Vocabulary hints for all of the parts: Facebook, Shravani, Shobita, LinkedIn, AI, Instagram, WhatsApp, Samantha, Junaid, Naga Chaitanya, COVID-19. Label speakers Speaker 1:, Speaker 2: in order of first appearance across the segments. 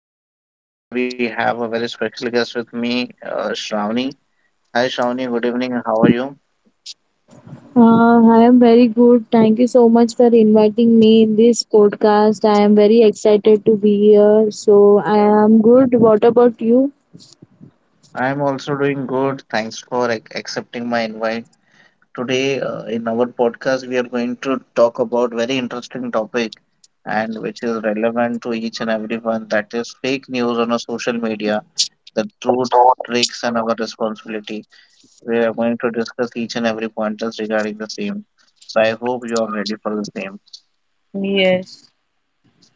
Speaker 1: Uh, Today we have a very special guest with me, Shravani. Hi, Shravani. Good evening. How are you?
Speaker 2: I am very good. Thank you so much for inviting me in this podcast. I am very excited to be here. So I am good. What about you?
Speaker 1: I'm also doing good. Thanks for accepting my invite. Today, in our podcast, we are going to talk about very interesting topic and which is relevant to each and everyone. That is fake news on our social media, the truth, tricks, and our responsibility. We are going to discuss each and every pointers regarding the same. So I hope you are ready for the same.
Speaker 2: Yes.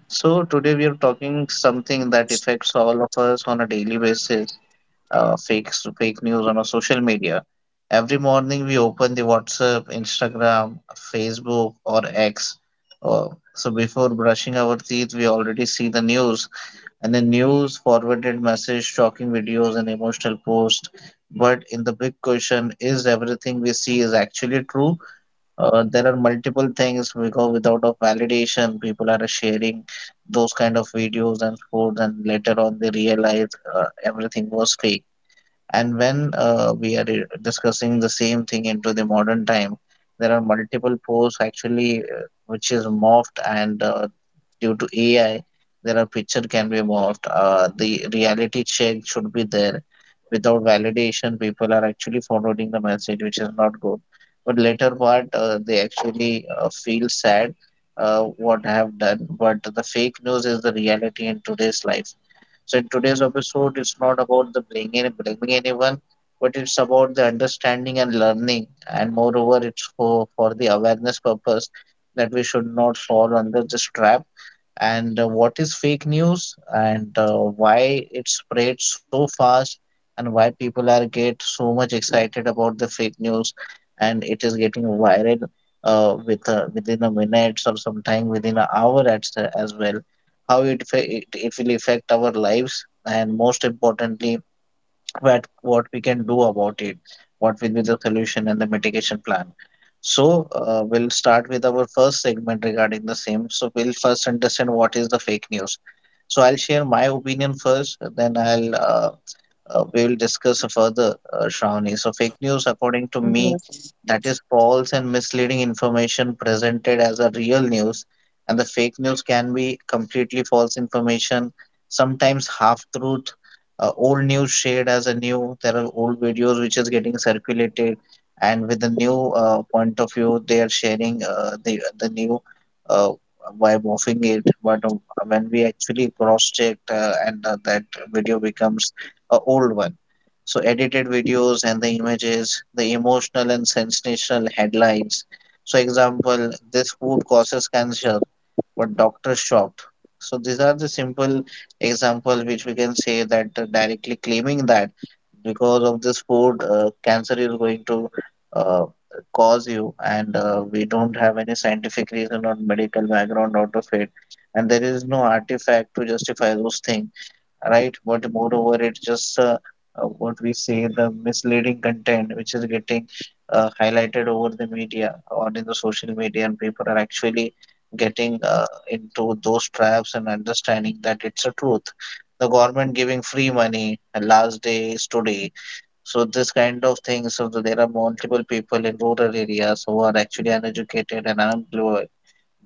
Speaker 1: So today we are talking something that affects all of us on a daily basis. Uh, fake fake news on our social media. Every morning we open the WhatsApp, Instagram, Facebook, or X. Uh, so before brushing our teeth, we already see the news and the news forwarded message, shocking videos, and emotional posts. But in the big question, is everything we see is actually true? There are multiple things because without a validation people are sharing those kind of videos and foods, and later on they realize everything was fake. And when we are discussing the same thing into the modern time, there are multiple posts actually, which is morphed, and due to AI, there are picture can be morphed. The reality check should be there. Without validation, people are actually forwarding the message, which is not good. But later part, they actually feel sad, what I have done. But the fake news is the reality in today's life. So in today's episode, it's not about the blaming, blaming anyone, but it's about the understanding and learning. And moreover, it's for the awareness purpose that we should not fall under this trap. And what is fake news, and why it spread so fast, and why people are get so much excited about the fake news and it is getting viral with within a minutes or sometime within an hour as well. How it, fa- it will affect our lives, and most importantly, what we can do about it, what will be the solution and the mitigation plan. So we'll start with our first segment regarding the same. So we'll first understand what is the fake news. So I'll share my opinion first, then I'll we will discuss further, Shravani. So, fake news, according to me,
Speaker 2: Yes.
Speaker 1: that is false and misleading information presented as a real news. And the fake news can be completely false information, sometimes half truth, old news shared as a new. There are old videos which is getting circulated, and with the new point of view, they are sharing the new. Uh, by morphing it, but when we actually cross checked and that video becomes a old one. So edited videos and the images, the emotional and sensational headlines. So example, this food causes cancer, but doctor shocked. So these are the simple example which we can say that, directly claiming that because of this food, cancer is going to uh, cause you, and we don't have any scientific reason or medical background out of it, and there is no artifact to justify those things, right? But moreover, it's just what we say the misleading content which is getting highlighted over the media or in the social media, and people are actually getting into those traps and understanding that it's a truth. The government giving free money, last day is today. So this kind of things. So that there are multiple people in rural areas who are actually uneducated and unemployed,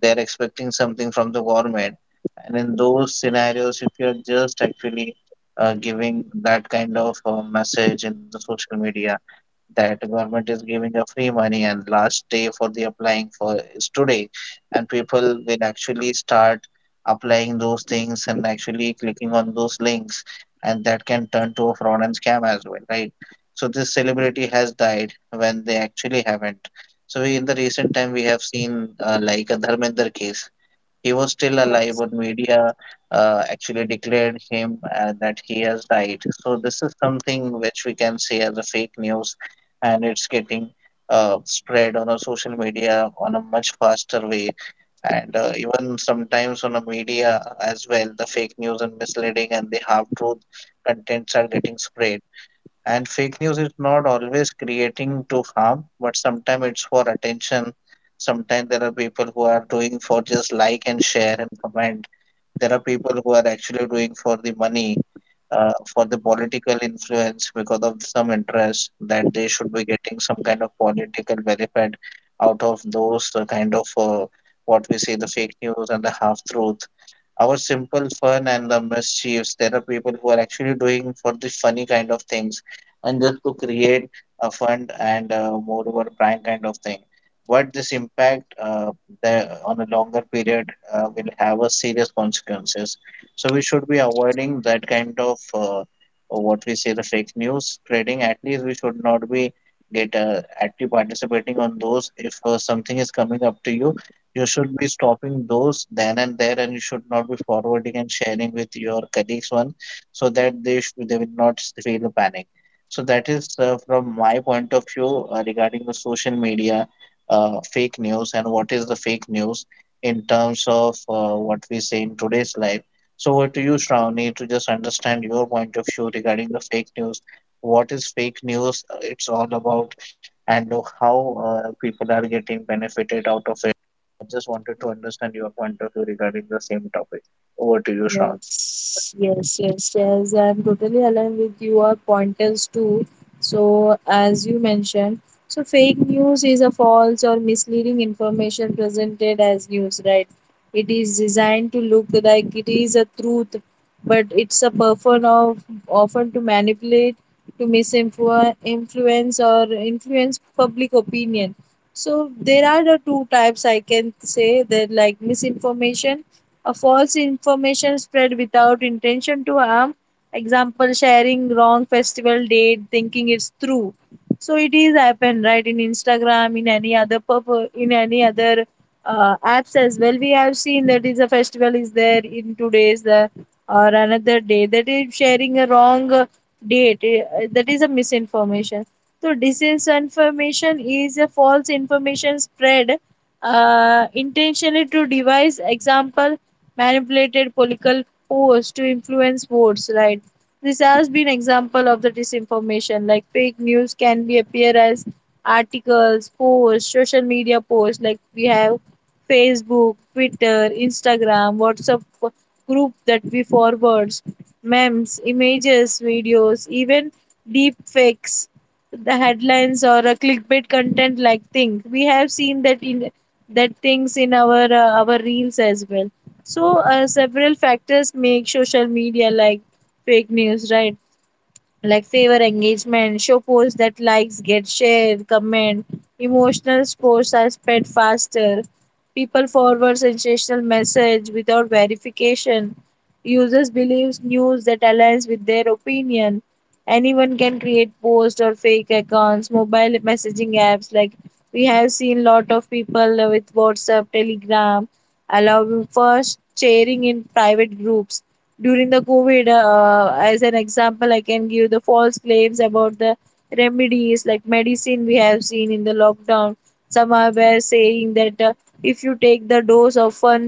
Speaker 1: they're expecting something from the government. And in those scenarios, if you're just actually giving that kind of message in the social media that government is giving a free money and last day for the applying for is today, and people will actually start applying those things and actually clicking on those links, and that can turn to a fraud and scam as well, right? So this celebrity has died when they actually haven't. So we, in the recent time we have seen, like a dharmender case, he was still alive, but media actually declared him that he has died. So this is something which we can say as a fake news, and it's getting spread on a social media on a much faster way, and even sometimes on a media as well. The fake news and misleading and the half truth contents are getting spread. And fake news is not always creating to harm, but sometimes it's for attention. Sometimes there are people who are doing for just like and share and comment. There are people who are actually doing for the money, for the political influence because of some interest that they should be getting some kind of political benefit out of those kind of what we see the fake news and the half truth, our simple fun and the mischiefs. There are people who are actually doing for the funny kind of things, and just to create a fun and moreover prank kind of thing. But this impact, on a longer period, will have a serious consequences. So we should be avoiding that kind of, what we say, the fake news trading. At least we should not be get active participating on those. If something is coming up to you, you should be stopping those then and there, and you should not be forwarding and sharing with your colleagues one, so that they will not feel panic. So that is from my point of view, regarding the social media, fake news, and what is the fake news in terms of, what we say, in today's life. So over to you, Shravani, to just understand your point of view regarding the fake news. What is fake news? It's all about and how people are getting benefited out of it. I just wanted to understand your point of view regarding the same topic. Over to you, Shravan.
Speaker 2: Yes, yes, yes, yes, I'm totally aligned with your pointers too. So, as you mentioned, so fake news is a false or misleading information presented as news, right? It is designed to look like it is a truth, but it's a person of often to manipulate, to misinfluence, influence or influence public opinion. So there are the two types I can say that, like misinformation a false information spread without intention to harm. Example sharing wrong festival date thinking it's true. So it is happen right in Instagram in any other in any other apps as well. We have seen that is a festival is there in 2 days or another day that is sharing a wrong date that is a misinformation. So disinformation is a false information spread intentionally to devise example manipulated political posts to influence votes, right? This has been example of the disinformation, like fake news can be appear as articles posts social media posts, like we have Facebook, Twitter, Instagram, WhatsApp, group that we forwards, memes, images, videos, even deep fakes, the headlines or a clickbait content like thing. We have seen that in that things in our our reels as well. So several factors make social media like fake news, right? Like favor engagement, show posts that likes, get shared, comment. Emotional posts are spread faster. People forward sensational message without verification. Users believes news that aligns with their opinion. Anyone can create posts or fake accounts. Mobile messaging apps, like we have seen lot of people with WhatsApp, Telegram, allow first sharing in private groups during the COVID, as an example, I can give the false claims about the remedies like medicine we have seen in the lockdown. Some are were saying that if you take the dose of one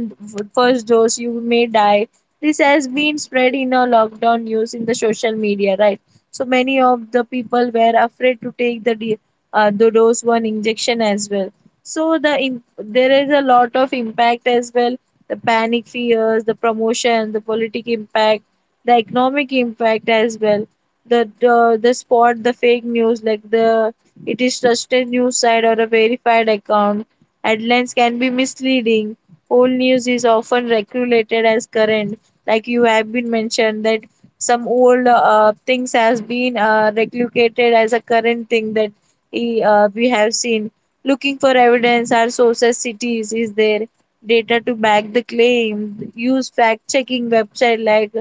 Speaker 2: first dose, you may die. This has been spread in our lockdown news in the social media, right? So many of the people were afraid to take the the dose one injection as well. So the there is a lot of impact as well, the panic fears, the promotion, the politic impact, the economic impact as well. The spot the fake news, like the it is trusted news site or a verified account. Headlines can be misleading. Old news is often regulated as current, like you have been mentioned that some old things has been regulated as a current thing that we have seen. Looking for evidence, our sources cities is there data to back the claim. Use fact checking website like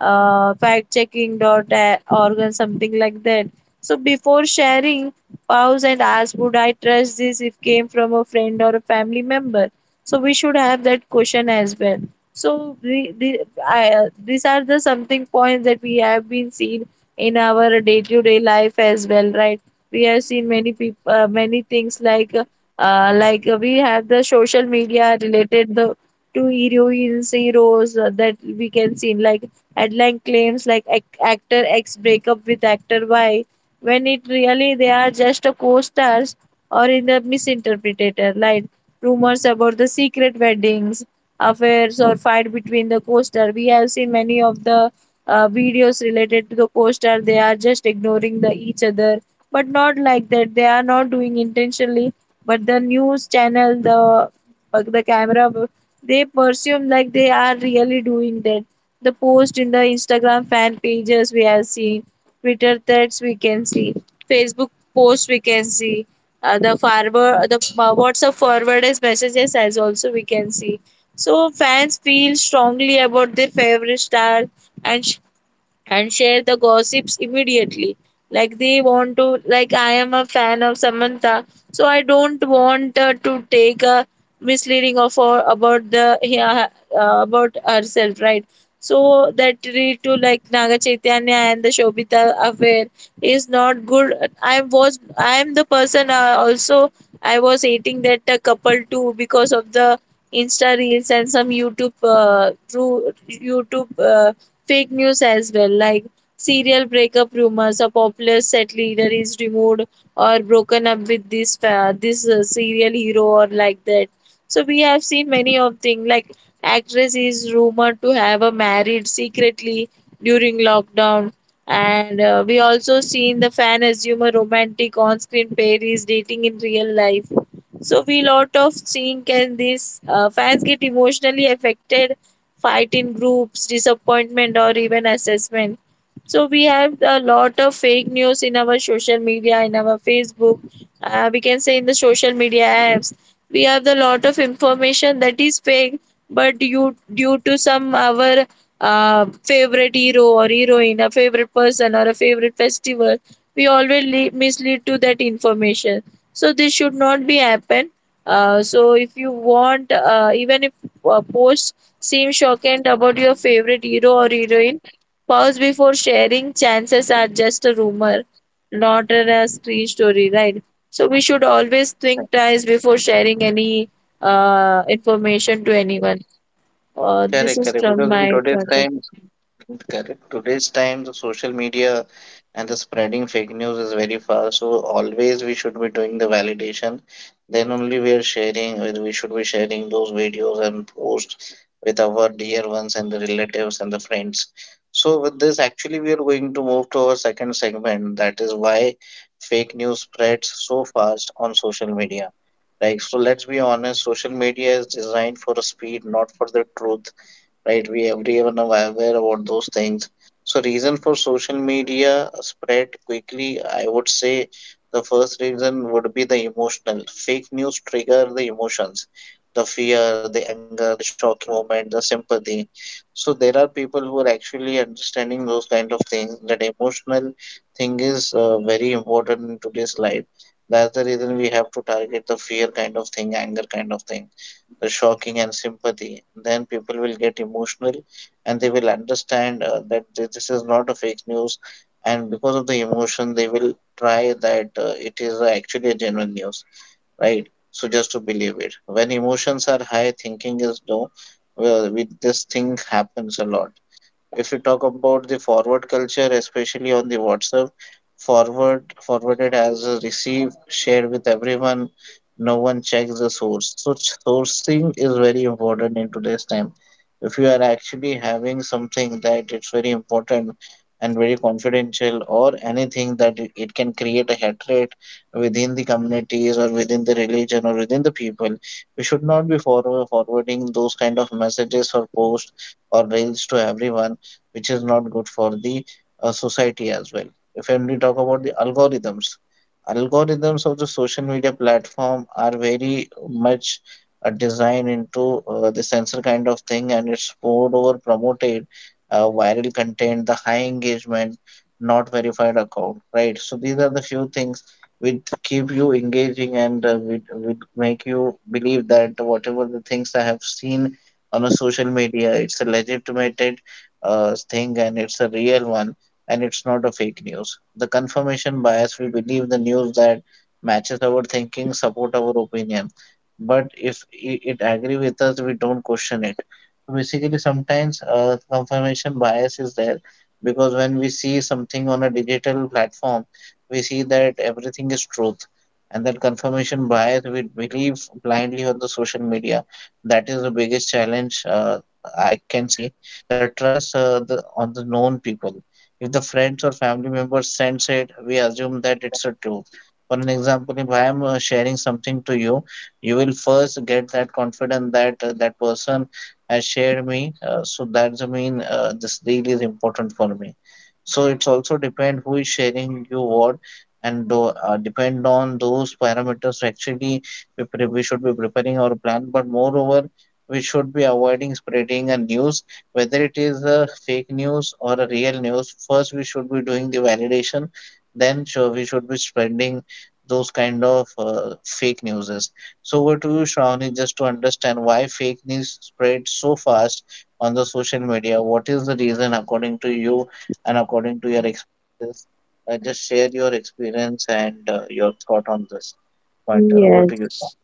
Speaker 2: factchecking.org or something like that. So before sharing, pause and ask, would I trust this if came from a friend or a family member? So we should have that question as well. So these are the something points that we have been seen in our day-to-day life as well, right? We have seen many people, many things like we have the social media related the to heroines heroes that we can see, like headline claims like actor X breakup with actor Y when it really they are just a co-stars, or in the misinterpreted like rumors about the secret weddings, affairs or fight between the co-star. We have seen many of the videos related to the co-star. They are just ignoring the each other, but not like that. They are not doing intentionally. But the news channel, the but the camera, they presume like they are really doing that. The post in the Instagram fan pages we have seen, Twitter threads we can see, Facebook posts we can see, the forward the WhatsApp forwarded messages as also we can see. So fans feel strongly about their favorite star and and share the gossips immediately. Like they want to, like I am a fan of Samantha, so I don't want to take a misleading of her about the yeah, about herself, right? So that lead to like Naga Chaitanya and the Shobita affair is not good. I am the person also I was hating that couple too because of the Insta reels and some YouTube through YouTube. Fake news as well, like serial breakup rumors. A popular set leader is removed or broken up with this serial hero or like that. So we have seen many of things, like actress is rumored to have a married secretly during lockdown. And we also seen the fan assume a romantic on-screen pair is dating in real life. So we lot of seeing can these fans get emotionally affected, fight in groups, disappointment, or even assessment. So we have a lot of fake news in our social media, in our Facebook, we can say in the social media apps. We have the lot of information that is fake, but due to some our uh, favorite hero or heroine, a favorite person or a favorite festival, we always mislead to that information. So this should not be happen. So if you want, even if post seem shocked about your favorite hero or heroine. Pause before sharing. Chances are just a rumor, not a screen story, right? So we should always think twice before sharing any information to anyone.
Speaker 1: Correct,
Speaker 2: This
Speaker 1: correct.
Speaker 2: is
Speaker 1: Because
Speaker 2: from
Speaker 1: in
Speaker 2: my
Speaker 1: today's
Speaker 2: point of
Speaker 1: times,
Speaker 2: view.
Speaker 1: correct, today's times, the social media and the spreading fake news is very fast, so always we should be doing the validation. Then only we are sharing, we should be sharing those videos and posts with our dear ones and the relatives and the friends. So with this, actually we are going to move to our second segment, that is why fake news spreads so fast on social media. Like, so let's be honest, social media is designed for speed, not for the truth, right? We everyone are aware about those things. So reason for social media spread quickly, I would say the first reason would be the emotional. Fake news trigger the emotions, the fear, the anger, the shocking moment, the sympathy. So there are people who are actually understanding those kind of things. That emotional thing is, very important in today's life. That's the reason we have to target the fear kind of thing, anger kind of thing, the shocking and sympathy, then people will get emotional and they will understand that this is not a fake news. And because of the emotion, they will try that it is actually a genuine news, right? So just to believe it. When emotions are high, thinking is low. Well, with this thing happens a lot. If you talk about the forward culture, especially on the WhatsApp, forwarded as a receive shared with everyone. No one checks the source. So sourcing is very important in today's time. If you are actually having something that it's very important and very confidential or anything that it can create a hatred within the communities or within the religion or within the people, we should not be forwarding those kind of messages or posts or reels to everyone, which is not good for the society as well. If we talk about the algorithms, algorithms of the social media platform are very much designed into the censor kind of thing, and it's poured over promoted viral content, the high engagement, not verified account, right? So these are the few things which keep you engaging and which make you believe that whatever the things I have seen on a social media, it's a legitimate thing and it's a real one and it's not a fake news. The confirmation bias, we believe the news that matches our thinking support our opinion. But if it agree with us, we don't question it. So basically, sometimes confirmation bias is there because when we see something on a digital platform, we see that everything is truth. And that confirmation bias, we believe blindly on the social media. That is the biggest challenge I can see the trust on the known people. If the friends or family members sends it, we assume that it's a truth. For an example, if I am sharing something to you, you will first get that confidence that that person has shared me. So that's a mean this deal is important for me. So it's also depend who is sharing you what, and depend on those parameters. Actually, we should be preparing our plan. But moreover, we should be avoiding spreading a news. Whether it is a fake news or a real news, first we should be doing the validation, then sure we should be spreading those kind of fake newses. So over to you, Shravani, just to understand why fake news spread so fast on the social media. What is the reason according to you and according to your experiences? Just share your experience and your thought on this pointer. Over to you.
Speaker 2: Yes,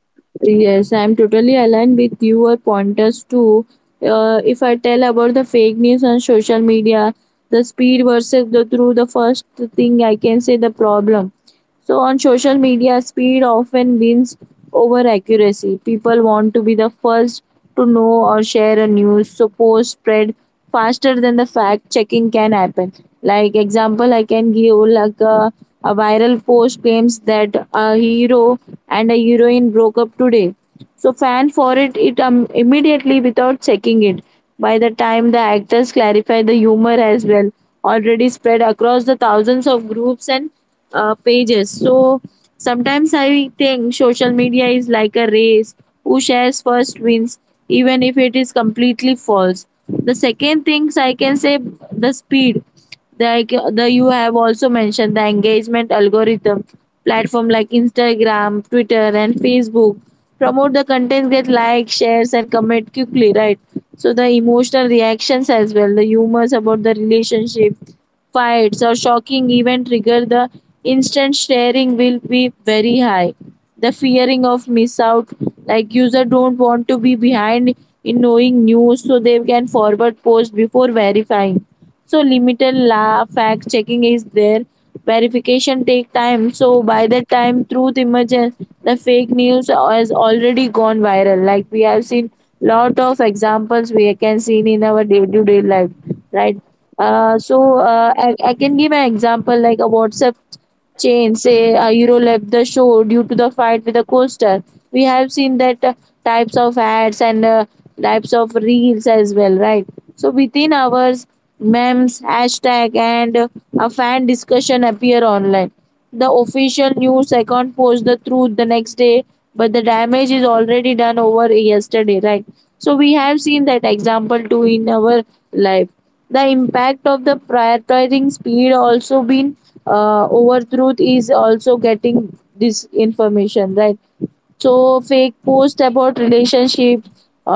Speaker 2: yes, I'm totally aligned with your pointers too. If I tell about the fake news on social media, the speed versus the through the first thing I can say the problem. So on social media, speed often wins over accuracy. People want to be the first to know or share a news, so posts spread faster than the fact checking can happen. Like example, I can give like a viral post claims that a hero and a heroine broke up today so fan for it immediately without checking it. By the time the actors clarify the humor as well, already spread across the thousands of groups and pages. So sometimes I think social media is like a race, who shares first wins, even if it is completely false. The second things I can say the speed, like the you have also mentioned the engagement algorithm platform like Instagram, Twitter and Facebook promote the content get likes, shares and comment quickly, right? So the emotional reactions as well, the humors about the relationship fights or shocking event trigger the instant sharing will be very high. The fearing of miss out, like user don't want to be behind in knowing news, so they can forward post before verifying. So limited laugh fact checking is there, verification take time, so by the time truth emerges, the fake news has already gone viral, like we have seen lot of examples we can see in our day-to-day life, right? I can give an example like a WhatsApp chain, say Euro left the show due to the fight with the co-star. We have seen that types of ads and types of reels as well, right? So within hours, memes, hashtag, and a fan discussion appear online. The official news account posts the truth the next day, but the damage is already done over yesterday, right? So we have seen that example too in our life. The impact of the prioritizing speed also been overthrown is also getting this information, right? So fake post about relationship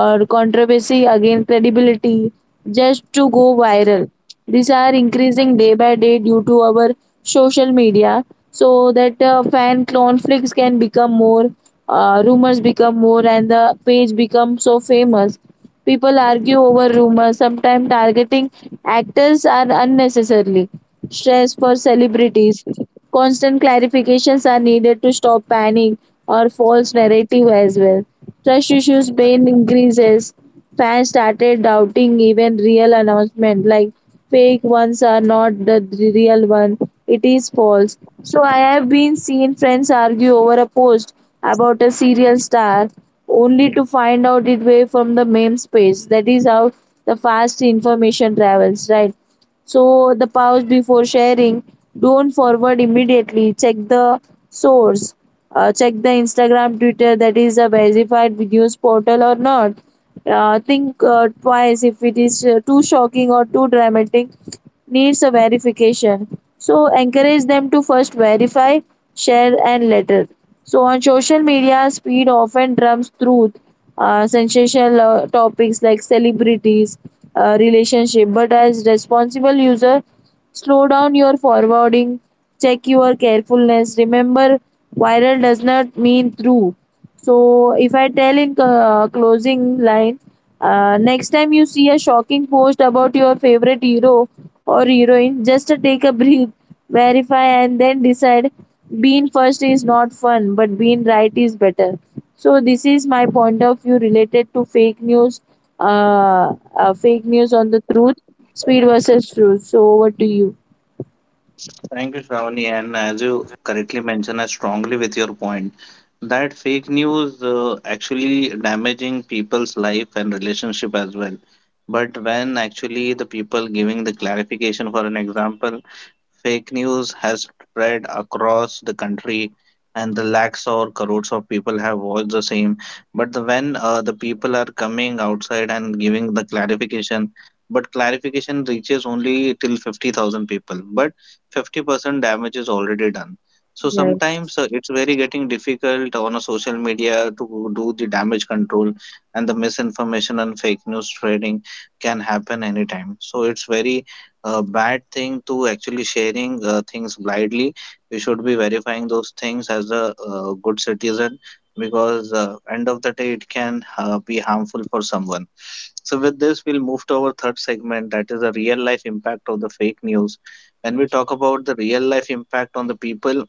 Speaker 2: or controversy again credibility just to go viral. These are increasing day by day due to our social media. So that fan conflicts can become more, rumors become more, and the page becomes so famous. People argue over rumors, sometimes targeting actors are unnecessarily stress for celebrities. Constant clarifications are needed to stop panic or false narrative as well. Trust issues pain increases. Fans started doubting even real announcement, like fake ones are not the real one. It is false. So I have been seen friends argue over a post about a serial star only to find out it way from the meme space. That is how the fast information travels, right? So the pause before sharing. Don't forward immediately. Check the source. Check the Instagram, Twitter that is a verified news portal or not. Think twice if it is too shocking or too dramatic. Needs a verification. So encourage them to first verify, share, and later. So on social media, speed often trumps truth, sensational topics like celebrities, relationship. But as responsible user, slow down your forwarding, check your carefulness. Remember, viral does not mean true. So if I tell in closing line, next time you see a shocking post about your favorite hero or heroine, just take a breath, verify, and then decide. Being first is not fun, but being right is better. So this is my point of view related to fake news on the truth, speed versus truth. So over to you.
Speaker 1: Thank you, Shravani. And as you correctly mentioned, I strongly with your point that fake news actually damaging people's life and relationship as well. But when actually the people giving the clarification, for an example, fake news has spread across the country, and the lakhs or crores of people have watched the same. But when the people are coming outside and giving the clarification, but clarification reaches only till 50,000 people, but 50% damage is already done. So
Speaker 2: Yes,
Speaker 1: sometimes it's very getting difficult on a social media to do the damage control and the misinformation and fake news trading can happen anytime. So it's very a bad thing to actually sharing things blindly. We should be verifying those things as a good citizen because end of the day it can be harmful for someone. So with this, we'll move to our third segment, that is the real life impact of the fake news. When we talk about the real life impact on the people,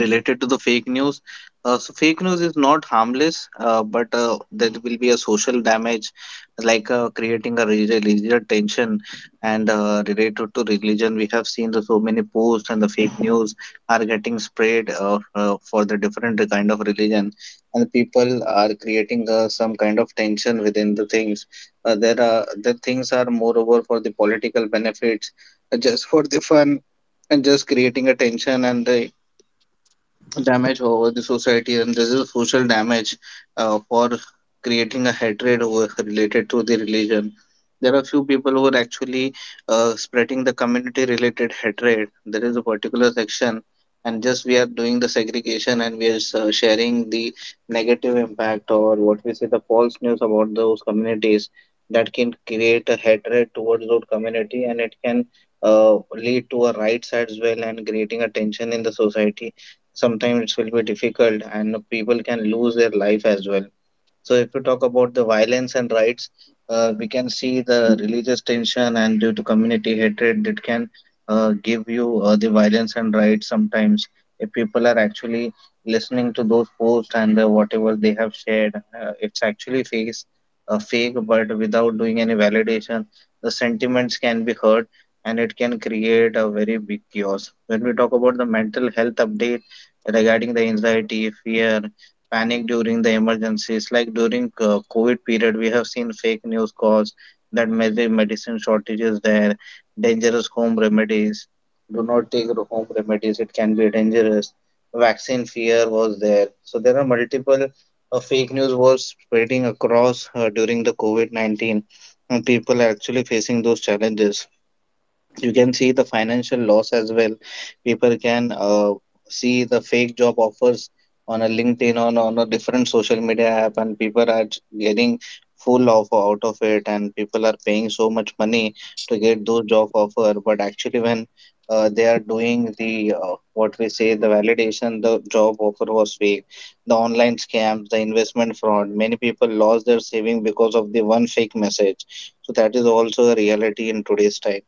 Speaker 1: related to the fake news. So fake news is not harmless, but there will be a social damage, like creating a religious tension. And related to religion, we have seen the so many posts and the fake news are getting spread for the different kind of religion, and people are creating some kind of tension within the things. There are the things are moreover for the political benefits, just for the fun and just creating a tension and the damage over the society, and this is social damage for creating a hatred over, related to the religion. There are few people who are actually spreading the community related hatred. There is a particular section and just we are doing the segregation and we are sharing the negative impact, or what we say, the false news about those communities that can create a hatred towards those community, and it can lead to a riots as well, and creating a tension in the society. Sometimes it will be difficult and people can lose their life as well. So if you talk about the violence and rights, we can see the religious tension, and due to community hatred, it can give you the violence and rights sometimes. If people are actually listening to those posts and whatever they have shared, it's actually fake, but without doing any validation, the sentiments can be hurt and it can create a very big chaos. When we talk about the mental health update regarding the anxiety, fear, panic during the emergencies, like during covid period, we have seen fake news cause that massive medicine shortages. There dangerous home remedies, do not take the home remedies, it can be dangerous. Vaccine fear was there. So there are multiple fake news was spreading across during the covid-19, and people are actually facing those challenges. You can see the financial loss as well. People can see the fake job offers on a linkedin or on a different social media app, and people are getting full offer out of it, and people are paying so much money to get those job offer. But actually when they are doing the what we say, the validation, the job offer was fake. The online scams, the investment fraud, many people lost their saving because of the one fake message. So that is also a reality in today's time.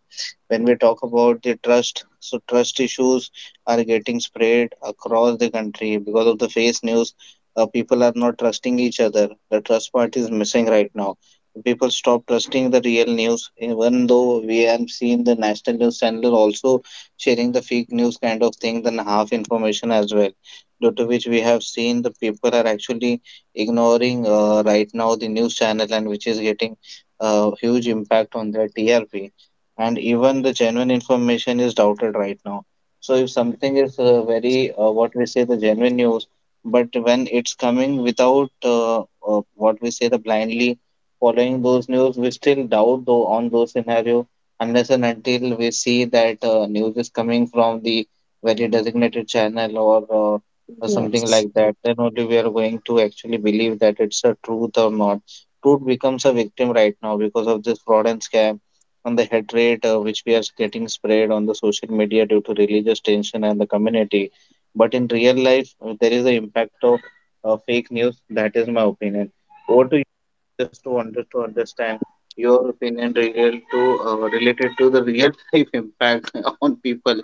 Speaker 1: When we talk about the trust, so trust issues are getting spread across the country because of the face news. People are not trusting each other. The trust part is missing right now. People stop trusting the real news, even though we have seen the national news channel also sharing the fake news kind of thing, then half information as well, due to which we have seen the people are actually ignoring right now the news channel, and which is getting a huge impact on their trp, and even the genuine information is doubted right now. So if something is very what we say, the genuine news, but when it's coming without what we say, the blindly following those news, we still doubt though on those scenario unless and until we see that news is coming from the very designated channel uh, or something
Speaker 2: yes,
Speaker 1: like that. Then only we are going to actually believe that it's a truth or not. Truth becomes a victim right now because of this fraud and scam on the hatred which we are getting spread on the social media due to religious tension and the community. But in real life, there is an impact of fake news. That is my opinion. Over to you, just to, to understand your opinion regard to related to the real life impact on people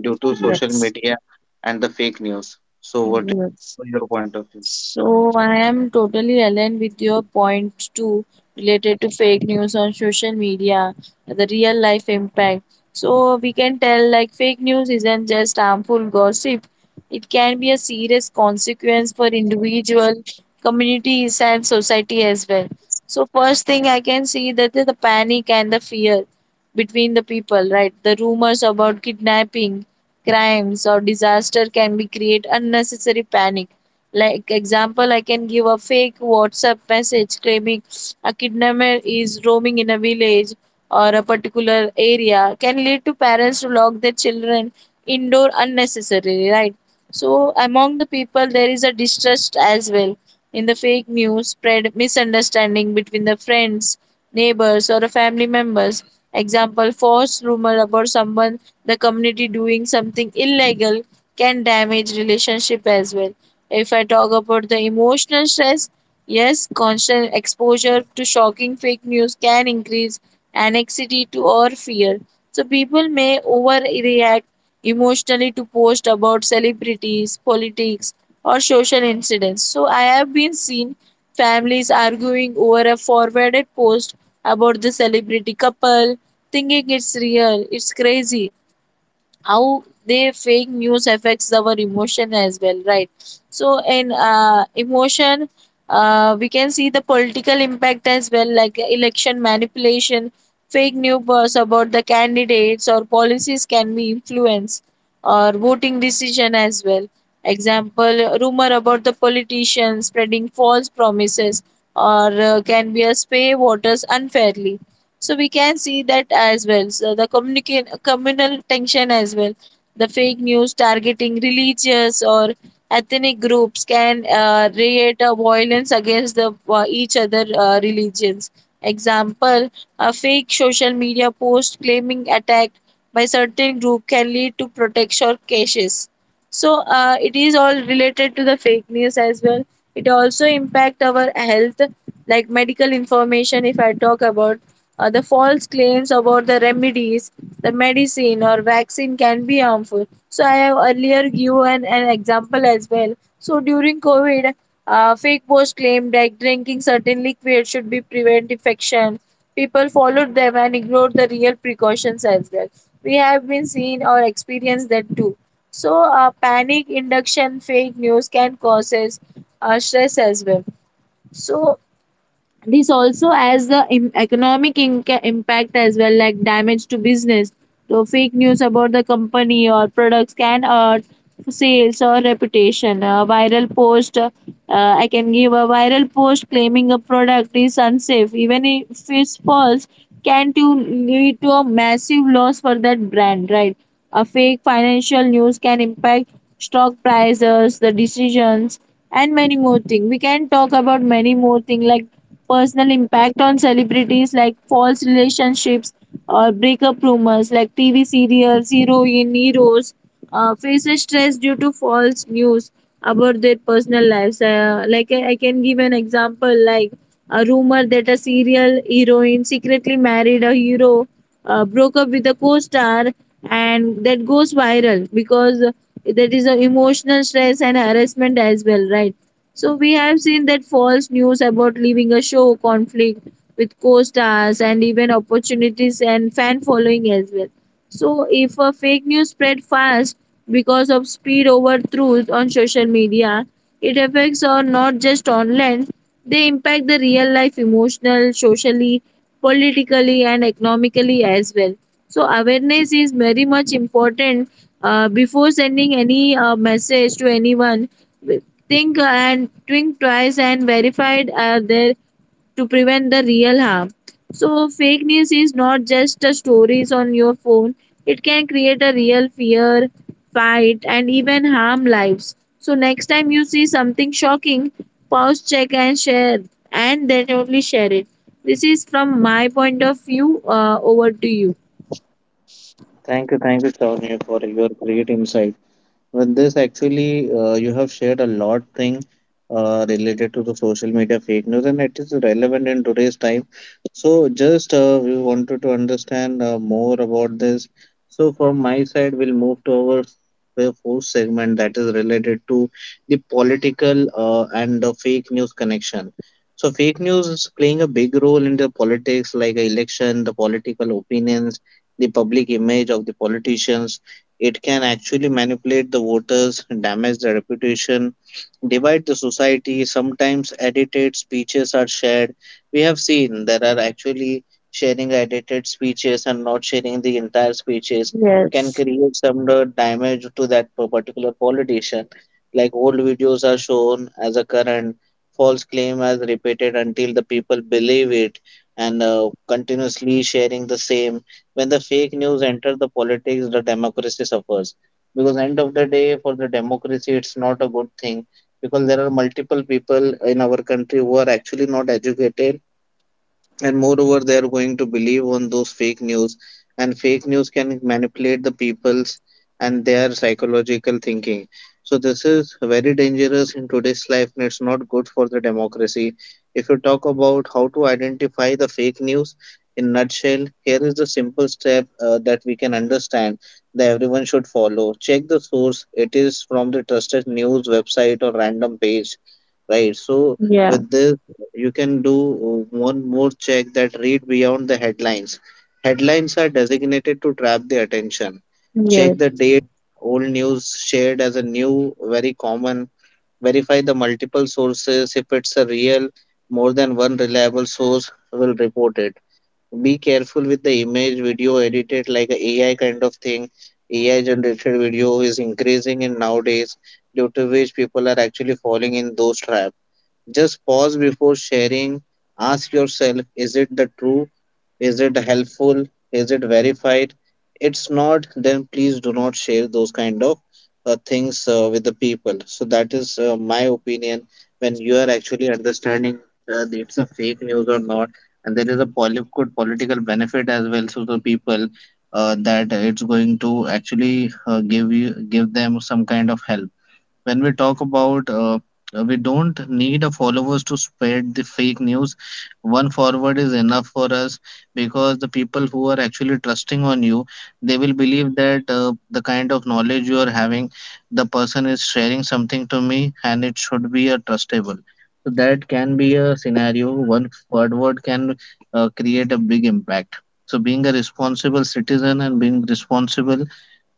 Speaker 1: due to social
Speaker 2: yes,
Speaker 1: media and the fake news. So, what
Speaker 2: yes.
Speaker 1: is your point of view?
Speaker 2: So I am totally aligned with your point too, related to fake news on social media, the real life impact. So we can tell like fake news isn't just harmful gossip; it can be a serious consequence for individual, communities, and society as well. So first thing I can see that is the panic and the fear between the people, right? The rumors about kidnapping, crimes, or disaster can be create unnecessary panic like example, I can give a fake WhatsApp message claiming a kidnapper is roaming in a village or a particular area can lead to parents to lock their children indoor unnecessarily, right? So among the people there is a distrust as well. In the fake news, spread misunderstanding between the friends, neighbors, or the family members. Example, false rumor about someone the community doing something illegal can damage relationship as well. If I talk about the emotional stress, yes, constant exposure to shocking fake news can increase anxiety to or fear. So people may overreact emotionally to post about celebrities, politics, or social incidents. So I have been seen families arguing over a forwarded post about the celebrity couple, thinking it's real, it's crazy how they fake news affects our emotion as well, right? So in emotion we can see the political impact as well, like election manipulation, fake news about the candidates or policies can be influence or voting decision as well, example rumor about the politicians spreading false promises or can be a sway voters unfairly, so we can see that as well. So the communal tension as well. The fake news targeting religious or ethnic groups can create a violence against the each other religions. Example: a fake social media post claiming attack by certain group can lead to protection cases, so it is all related to the fake news as well. It also impact our health, like medical information. If I talk about the false claims about the remedies, the medicine or vaccine can be harmful, so I have earlier given an example as well. So during covid, fake posts claimed that drinking certain liquid should be prevent infection, people followed them and ignored the real precautions as well. We have been seen or experienced that too. So, panic induction fake news can causes stress as well. So, this also has the economic impact as well, like damage to business. So fake news about the company or products can hurt sales or reputation. A viral post, I can give a viral post claiming a product is unsafe, even if it's false, can to lead to a massive loss for that brand, right? A fake financial news can impact stock prices, the decisions, and many more things. We can talk about many more things like personal impact on celebrities, like false relationships or breakup rumors. Like TV serials, heroine, heroes faces stress due to false news about their personal lives. Like I can give an example like a rumor that a serial heroine secretly married a hero, broke up with a co-star, and that goes viral, because that is a emotional stress and harassment as well, right? So we have seen that false news about leaving a show, conflict with co-stars, and even opportunities and fan following as well. So if a fake news spread fast because of speed over truth on social media, it affects or not just online. They impact the real life emotional, socially, politically, and economically as well. So awareness is very much important before sending any message to anyone. Think and think twice and verified are there to prevent the real harm. So fake news is not just a stories on your phone. It can create a real fear, fight, and even harm lives. So next time you see something shocking, pause, check, and share, and then only share it. This is from my point of view. Over to you.
Speaker 1: Thank you, Sonia, for your great insight. With this, actually, you have shared a lot thing related to the social media fake news, and it is relevant in today's time. So, just we wanted to understand more about this. So, from my side, we'll move to our fourth segment, that is related to the political and the fake news connection. So, fake news is playing a big role in the politics, like election, the political opinions, the public image of the politicians. It can actually manipulate the voters, damage the reputation, divide the society. Sometimes edited speeches are shared. We have seen there are actually sharing edited speeches and not sharing the entire speeches can
Speaker 2: Yes.
Speaker 1: create some damage to that particular politician. Like old videos are shown as a current, false claim as repeated until the people believe it and continuously sharing the same. When the fake news enter the politics, the democracy suffers, because end of the day for the democracy it's not a good thing, because there are multiple people in our country who are actually not educated, and moreover they are going to believe on those fake news, and fake news can manipulate the people's and their psychological thinking. So this is very dangerous in today's life and it's not good for the democracy. If you talk about how to identify the fake news, in nutshell, here is the simple step that we can understand that everyone should follow. Check the source, it is from the trusted news website or random page, right? So
Speaker 2: Yeah.
Speaker 1: with this, you can do one more check, that read beyond the headlines. Headlines are designated to trap the attention.
Speaker 2: Yes.
Speaker 1: Check the dates, old news shared as a new, very common. Verify the multiple sources. If it's a real, more than one reliable source will report it. Be careful with the image, video edited like a AI kind of thing. AI generated video is increasing in nowadays, due to which people are actually falling in those traps. Just pause before sharing. Ask yourself, is it the true? Is it helpful? Is it verified? It's not, then please do not share those kind of things with the people. So that is my opinion when you are actually understanding that it's a fake news or not, and there is a good political benefit as well to the people that it's going to actually give them some kind of help. When we talk about we don't need a followers to spread the fake news, one forward is enough for us, because the people who are actually trusting on you, they will believe that the kind of knowledge you are having, the person is sharing something to me and it should be a trustable. So that can be a scenario, one forward can create a big impact. So being a responsible citizen and being responsible,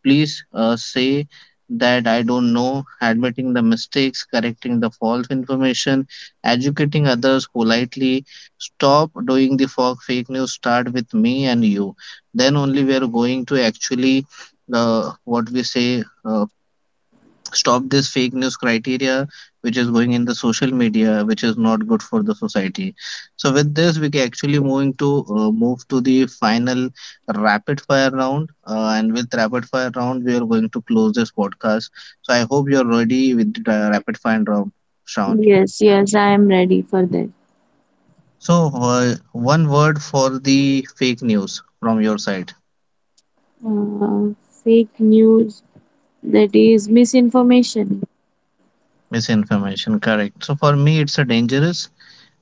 Speaker 1: please say that I don't know, admitting the mistakes, correcting the false information, educating others politely. Stop doing the fake news, start with me and you. Then only we are going to actually, uh, what we say, uh, stop this fake news criteria which is going in the social media, which is not good for the society. So with this we can actually moving to move to the final rapid fire round, and with rapid fire round we are going to close this podcast. So I hope you're ready with the rapid fire round, Shravani.
Speaker 2: Yes. Yes, I am ready for that.
Speaker 1: So one word for the fake news from your side.
Speaker 2: Uh, Fake news, that is misinformation.
Speaker 1: Misinformation, correct. So for me it's a dangerous,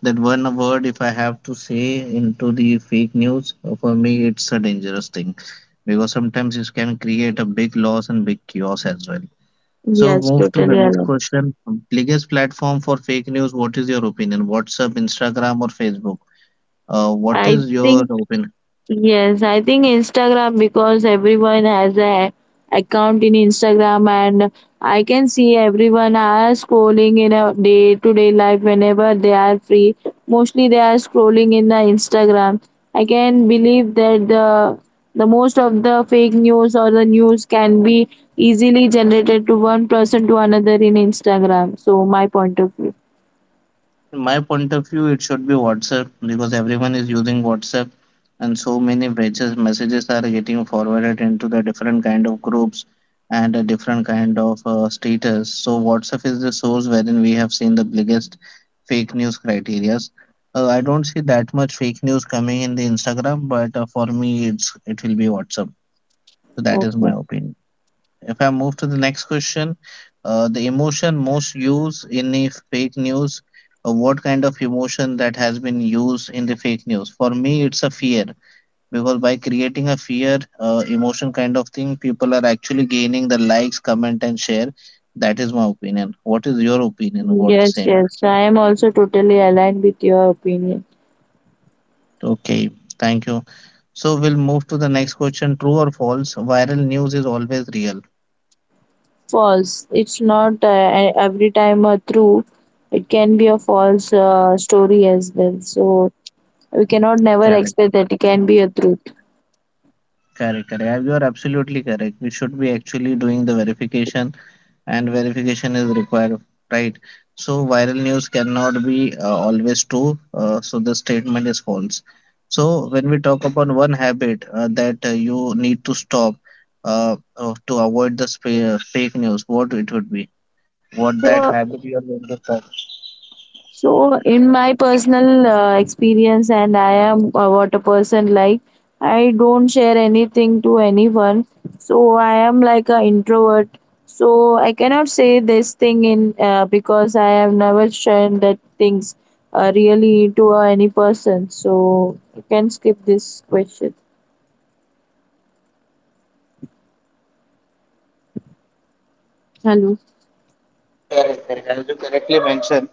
Speaker 1: that one word if I have to say into the fake news, for me it's a dangerous thing, because sometimes it can create a big loss and big chaos as well. So
Speaker 2: Yes,
Speaker 1: move to the
Speaker 2: totally
Speaker 1: next
Speaker 2: aligned.
Speaker 1: question. Biggest platform for fake news, what is your opinion? WhatsApp, Instagram, or Facebook? What
Speaker 2: I
Speaker 1: is your
Speaker 2: think
Speaker 1: opinion?
Speaker 2: yes, I think Instagram, because everyone has a account in Instagram, and I can see everyone are scrolling in a day to day life whenever they are free. Mostly they are scrolling in the Instagram. I can believe that the most of the fake news or the news can be easily generated to one person to another in Instagram. So my point of view.
Speaker 1: In my point of view, it should be WhatsApp, because everyone is using WhatsApp and so many messages are getting forwarded into the different kind of groups and a different kind of status. So WhatsApp is the source wherein we have seen the biggest fake news criterias. I don't see that much fake news coming in the Instagram, but for me, it will be WhatsApp. So that is my
Speaker 2: Okay.
Speaker 1: opinion. If I move to the next question, the emotion most used in a fake news, what kind of emotion that has been used in the fake news? For me, it's a fear, because by creating a fear emotion kind of thing, people are actually gaining the likes, comment, and share. That is my opinion. What is your opinion about the
Speaker 2: Yes,
Speaker 1: same?
Speaker 2: yes, I am also totally aligned with your opinion.
Speaker 1: Okay, thank you. So we'll move to the next question. True or false? Viral news is always real.
Speaker 2: False. It's not every time a true. It can be a false story as well. So we cannot never
Speaker 1: Correct.
Speaker 2: expect that it can be a truth.
Speaker 1: Correct, correct. Yeah, you are absolutely correct. We should be actually doing the verification, and verification is required, right? So viral news cannot be always true. So the statement is false. So when we talk about one habit that you need to stop to avoid the fake news, what it would be? What that
Speaker 2: So
Speaker 1: habit you are going to stop?
Speaker 2: So, in my personal experience, and I am what a person like, I don't share anything to anyone. So, I am like an introvert. So, I cannot say this thing in because I have never shared that things really to any person. So, you can skip this question. Hello.
Speaker 1: Correct, correct. As you correctly mentioned,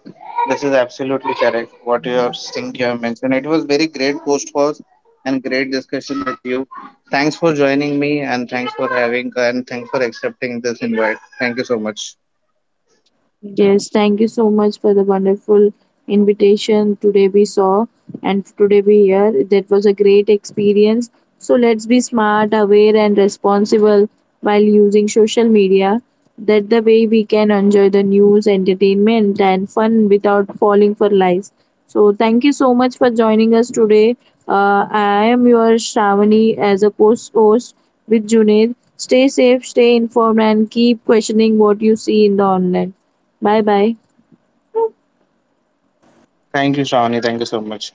Speaker 1: this is absolutely correct. What you have think you have mentioned. It was very great post pause and great discussion with you. Thanks for joining me and thanks for having and thanks for accepting this invite. Thank you so much.
Speaker 2: Yes, thank you so much for the wonderful invitation. Today we saw and today we hear. That was a great experience. So let's be smart, aware, and responsible while using social media. That the way we can enjoy the news, entertainment, and fun without falling for lies. So thank you so much for joining us today. I am your Shravani as a co-host with Junaid. Stay safe, stay informed, and keep questioning what you see in the online. Bye bye.
Speaker 1: Thank you, Shawni. Thank you so much.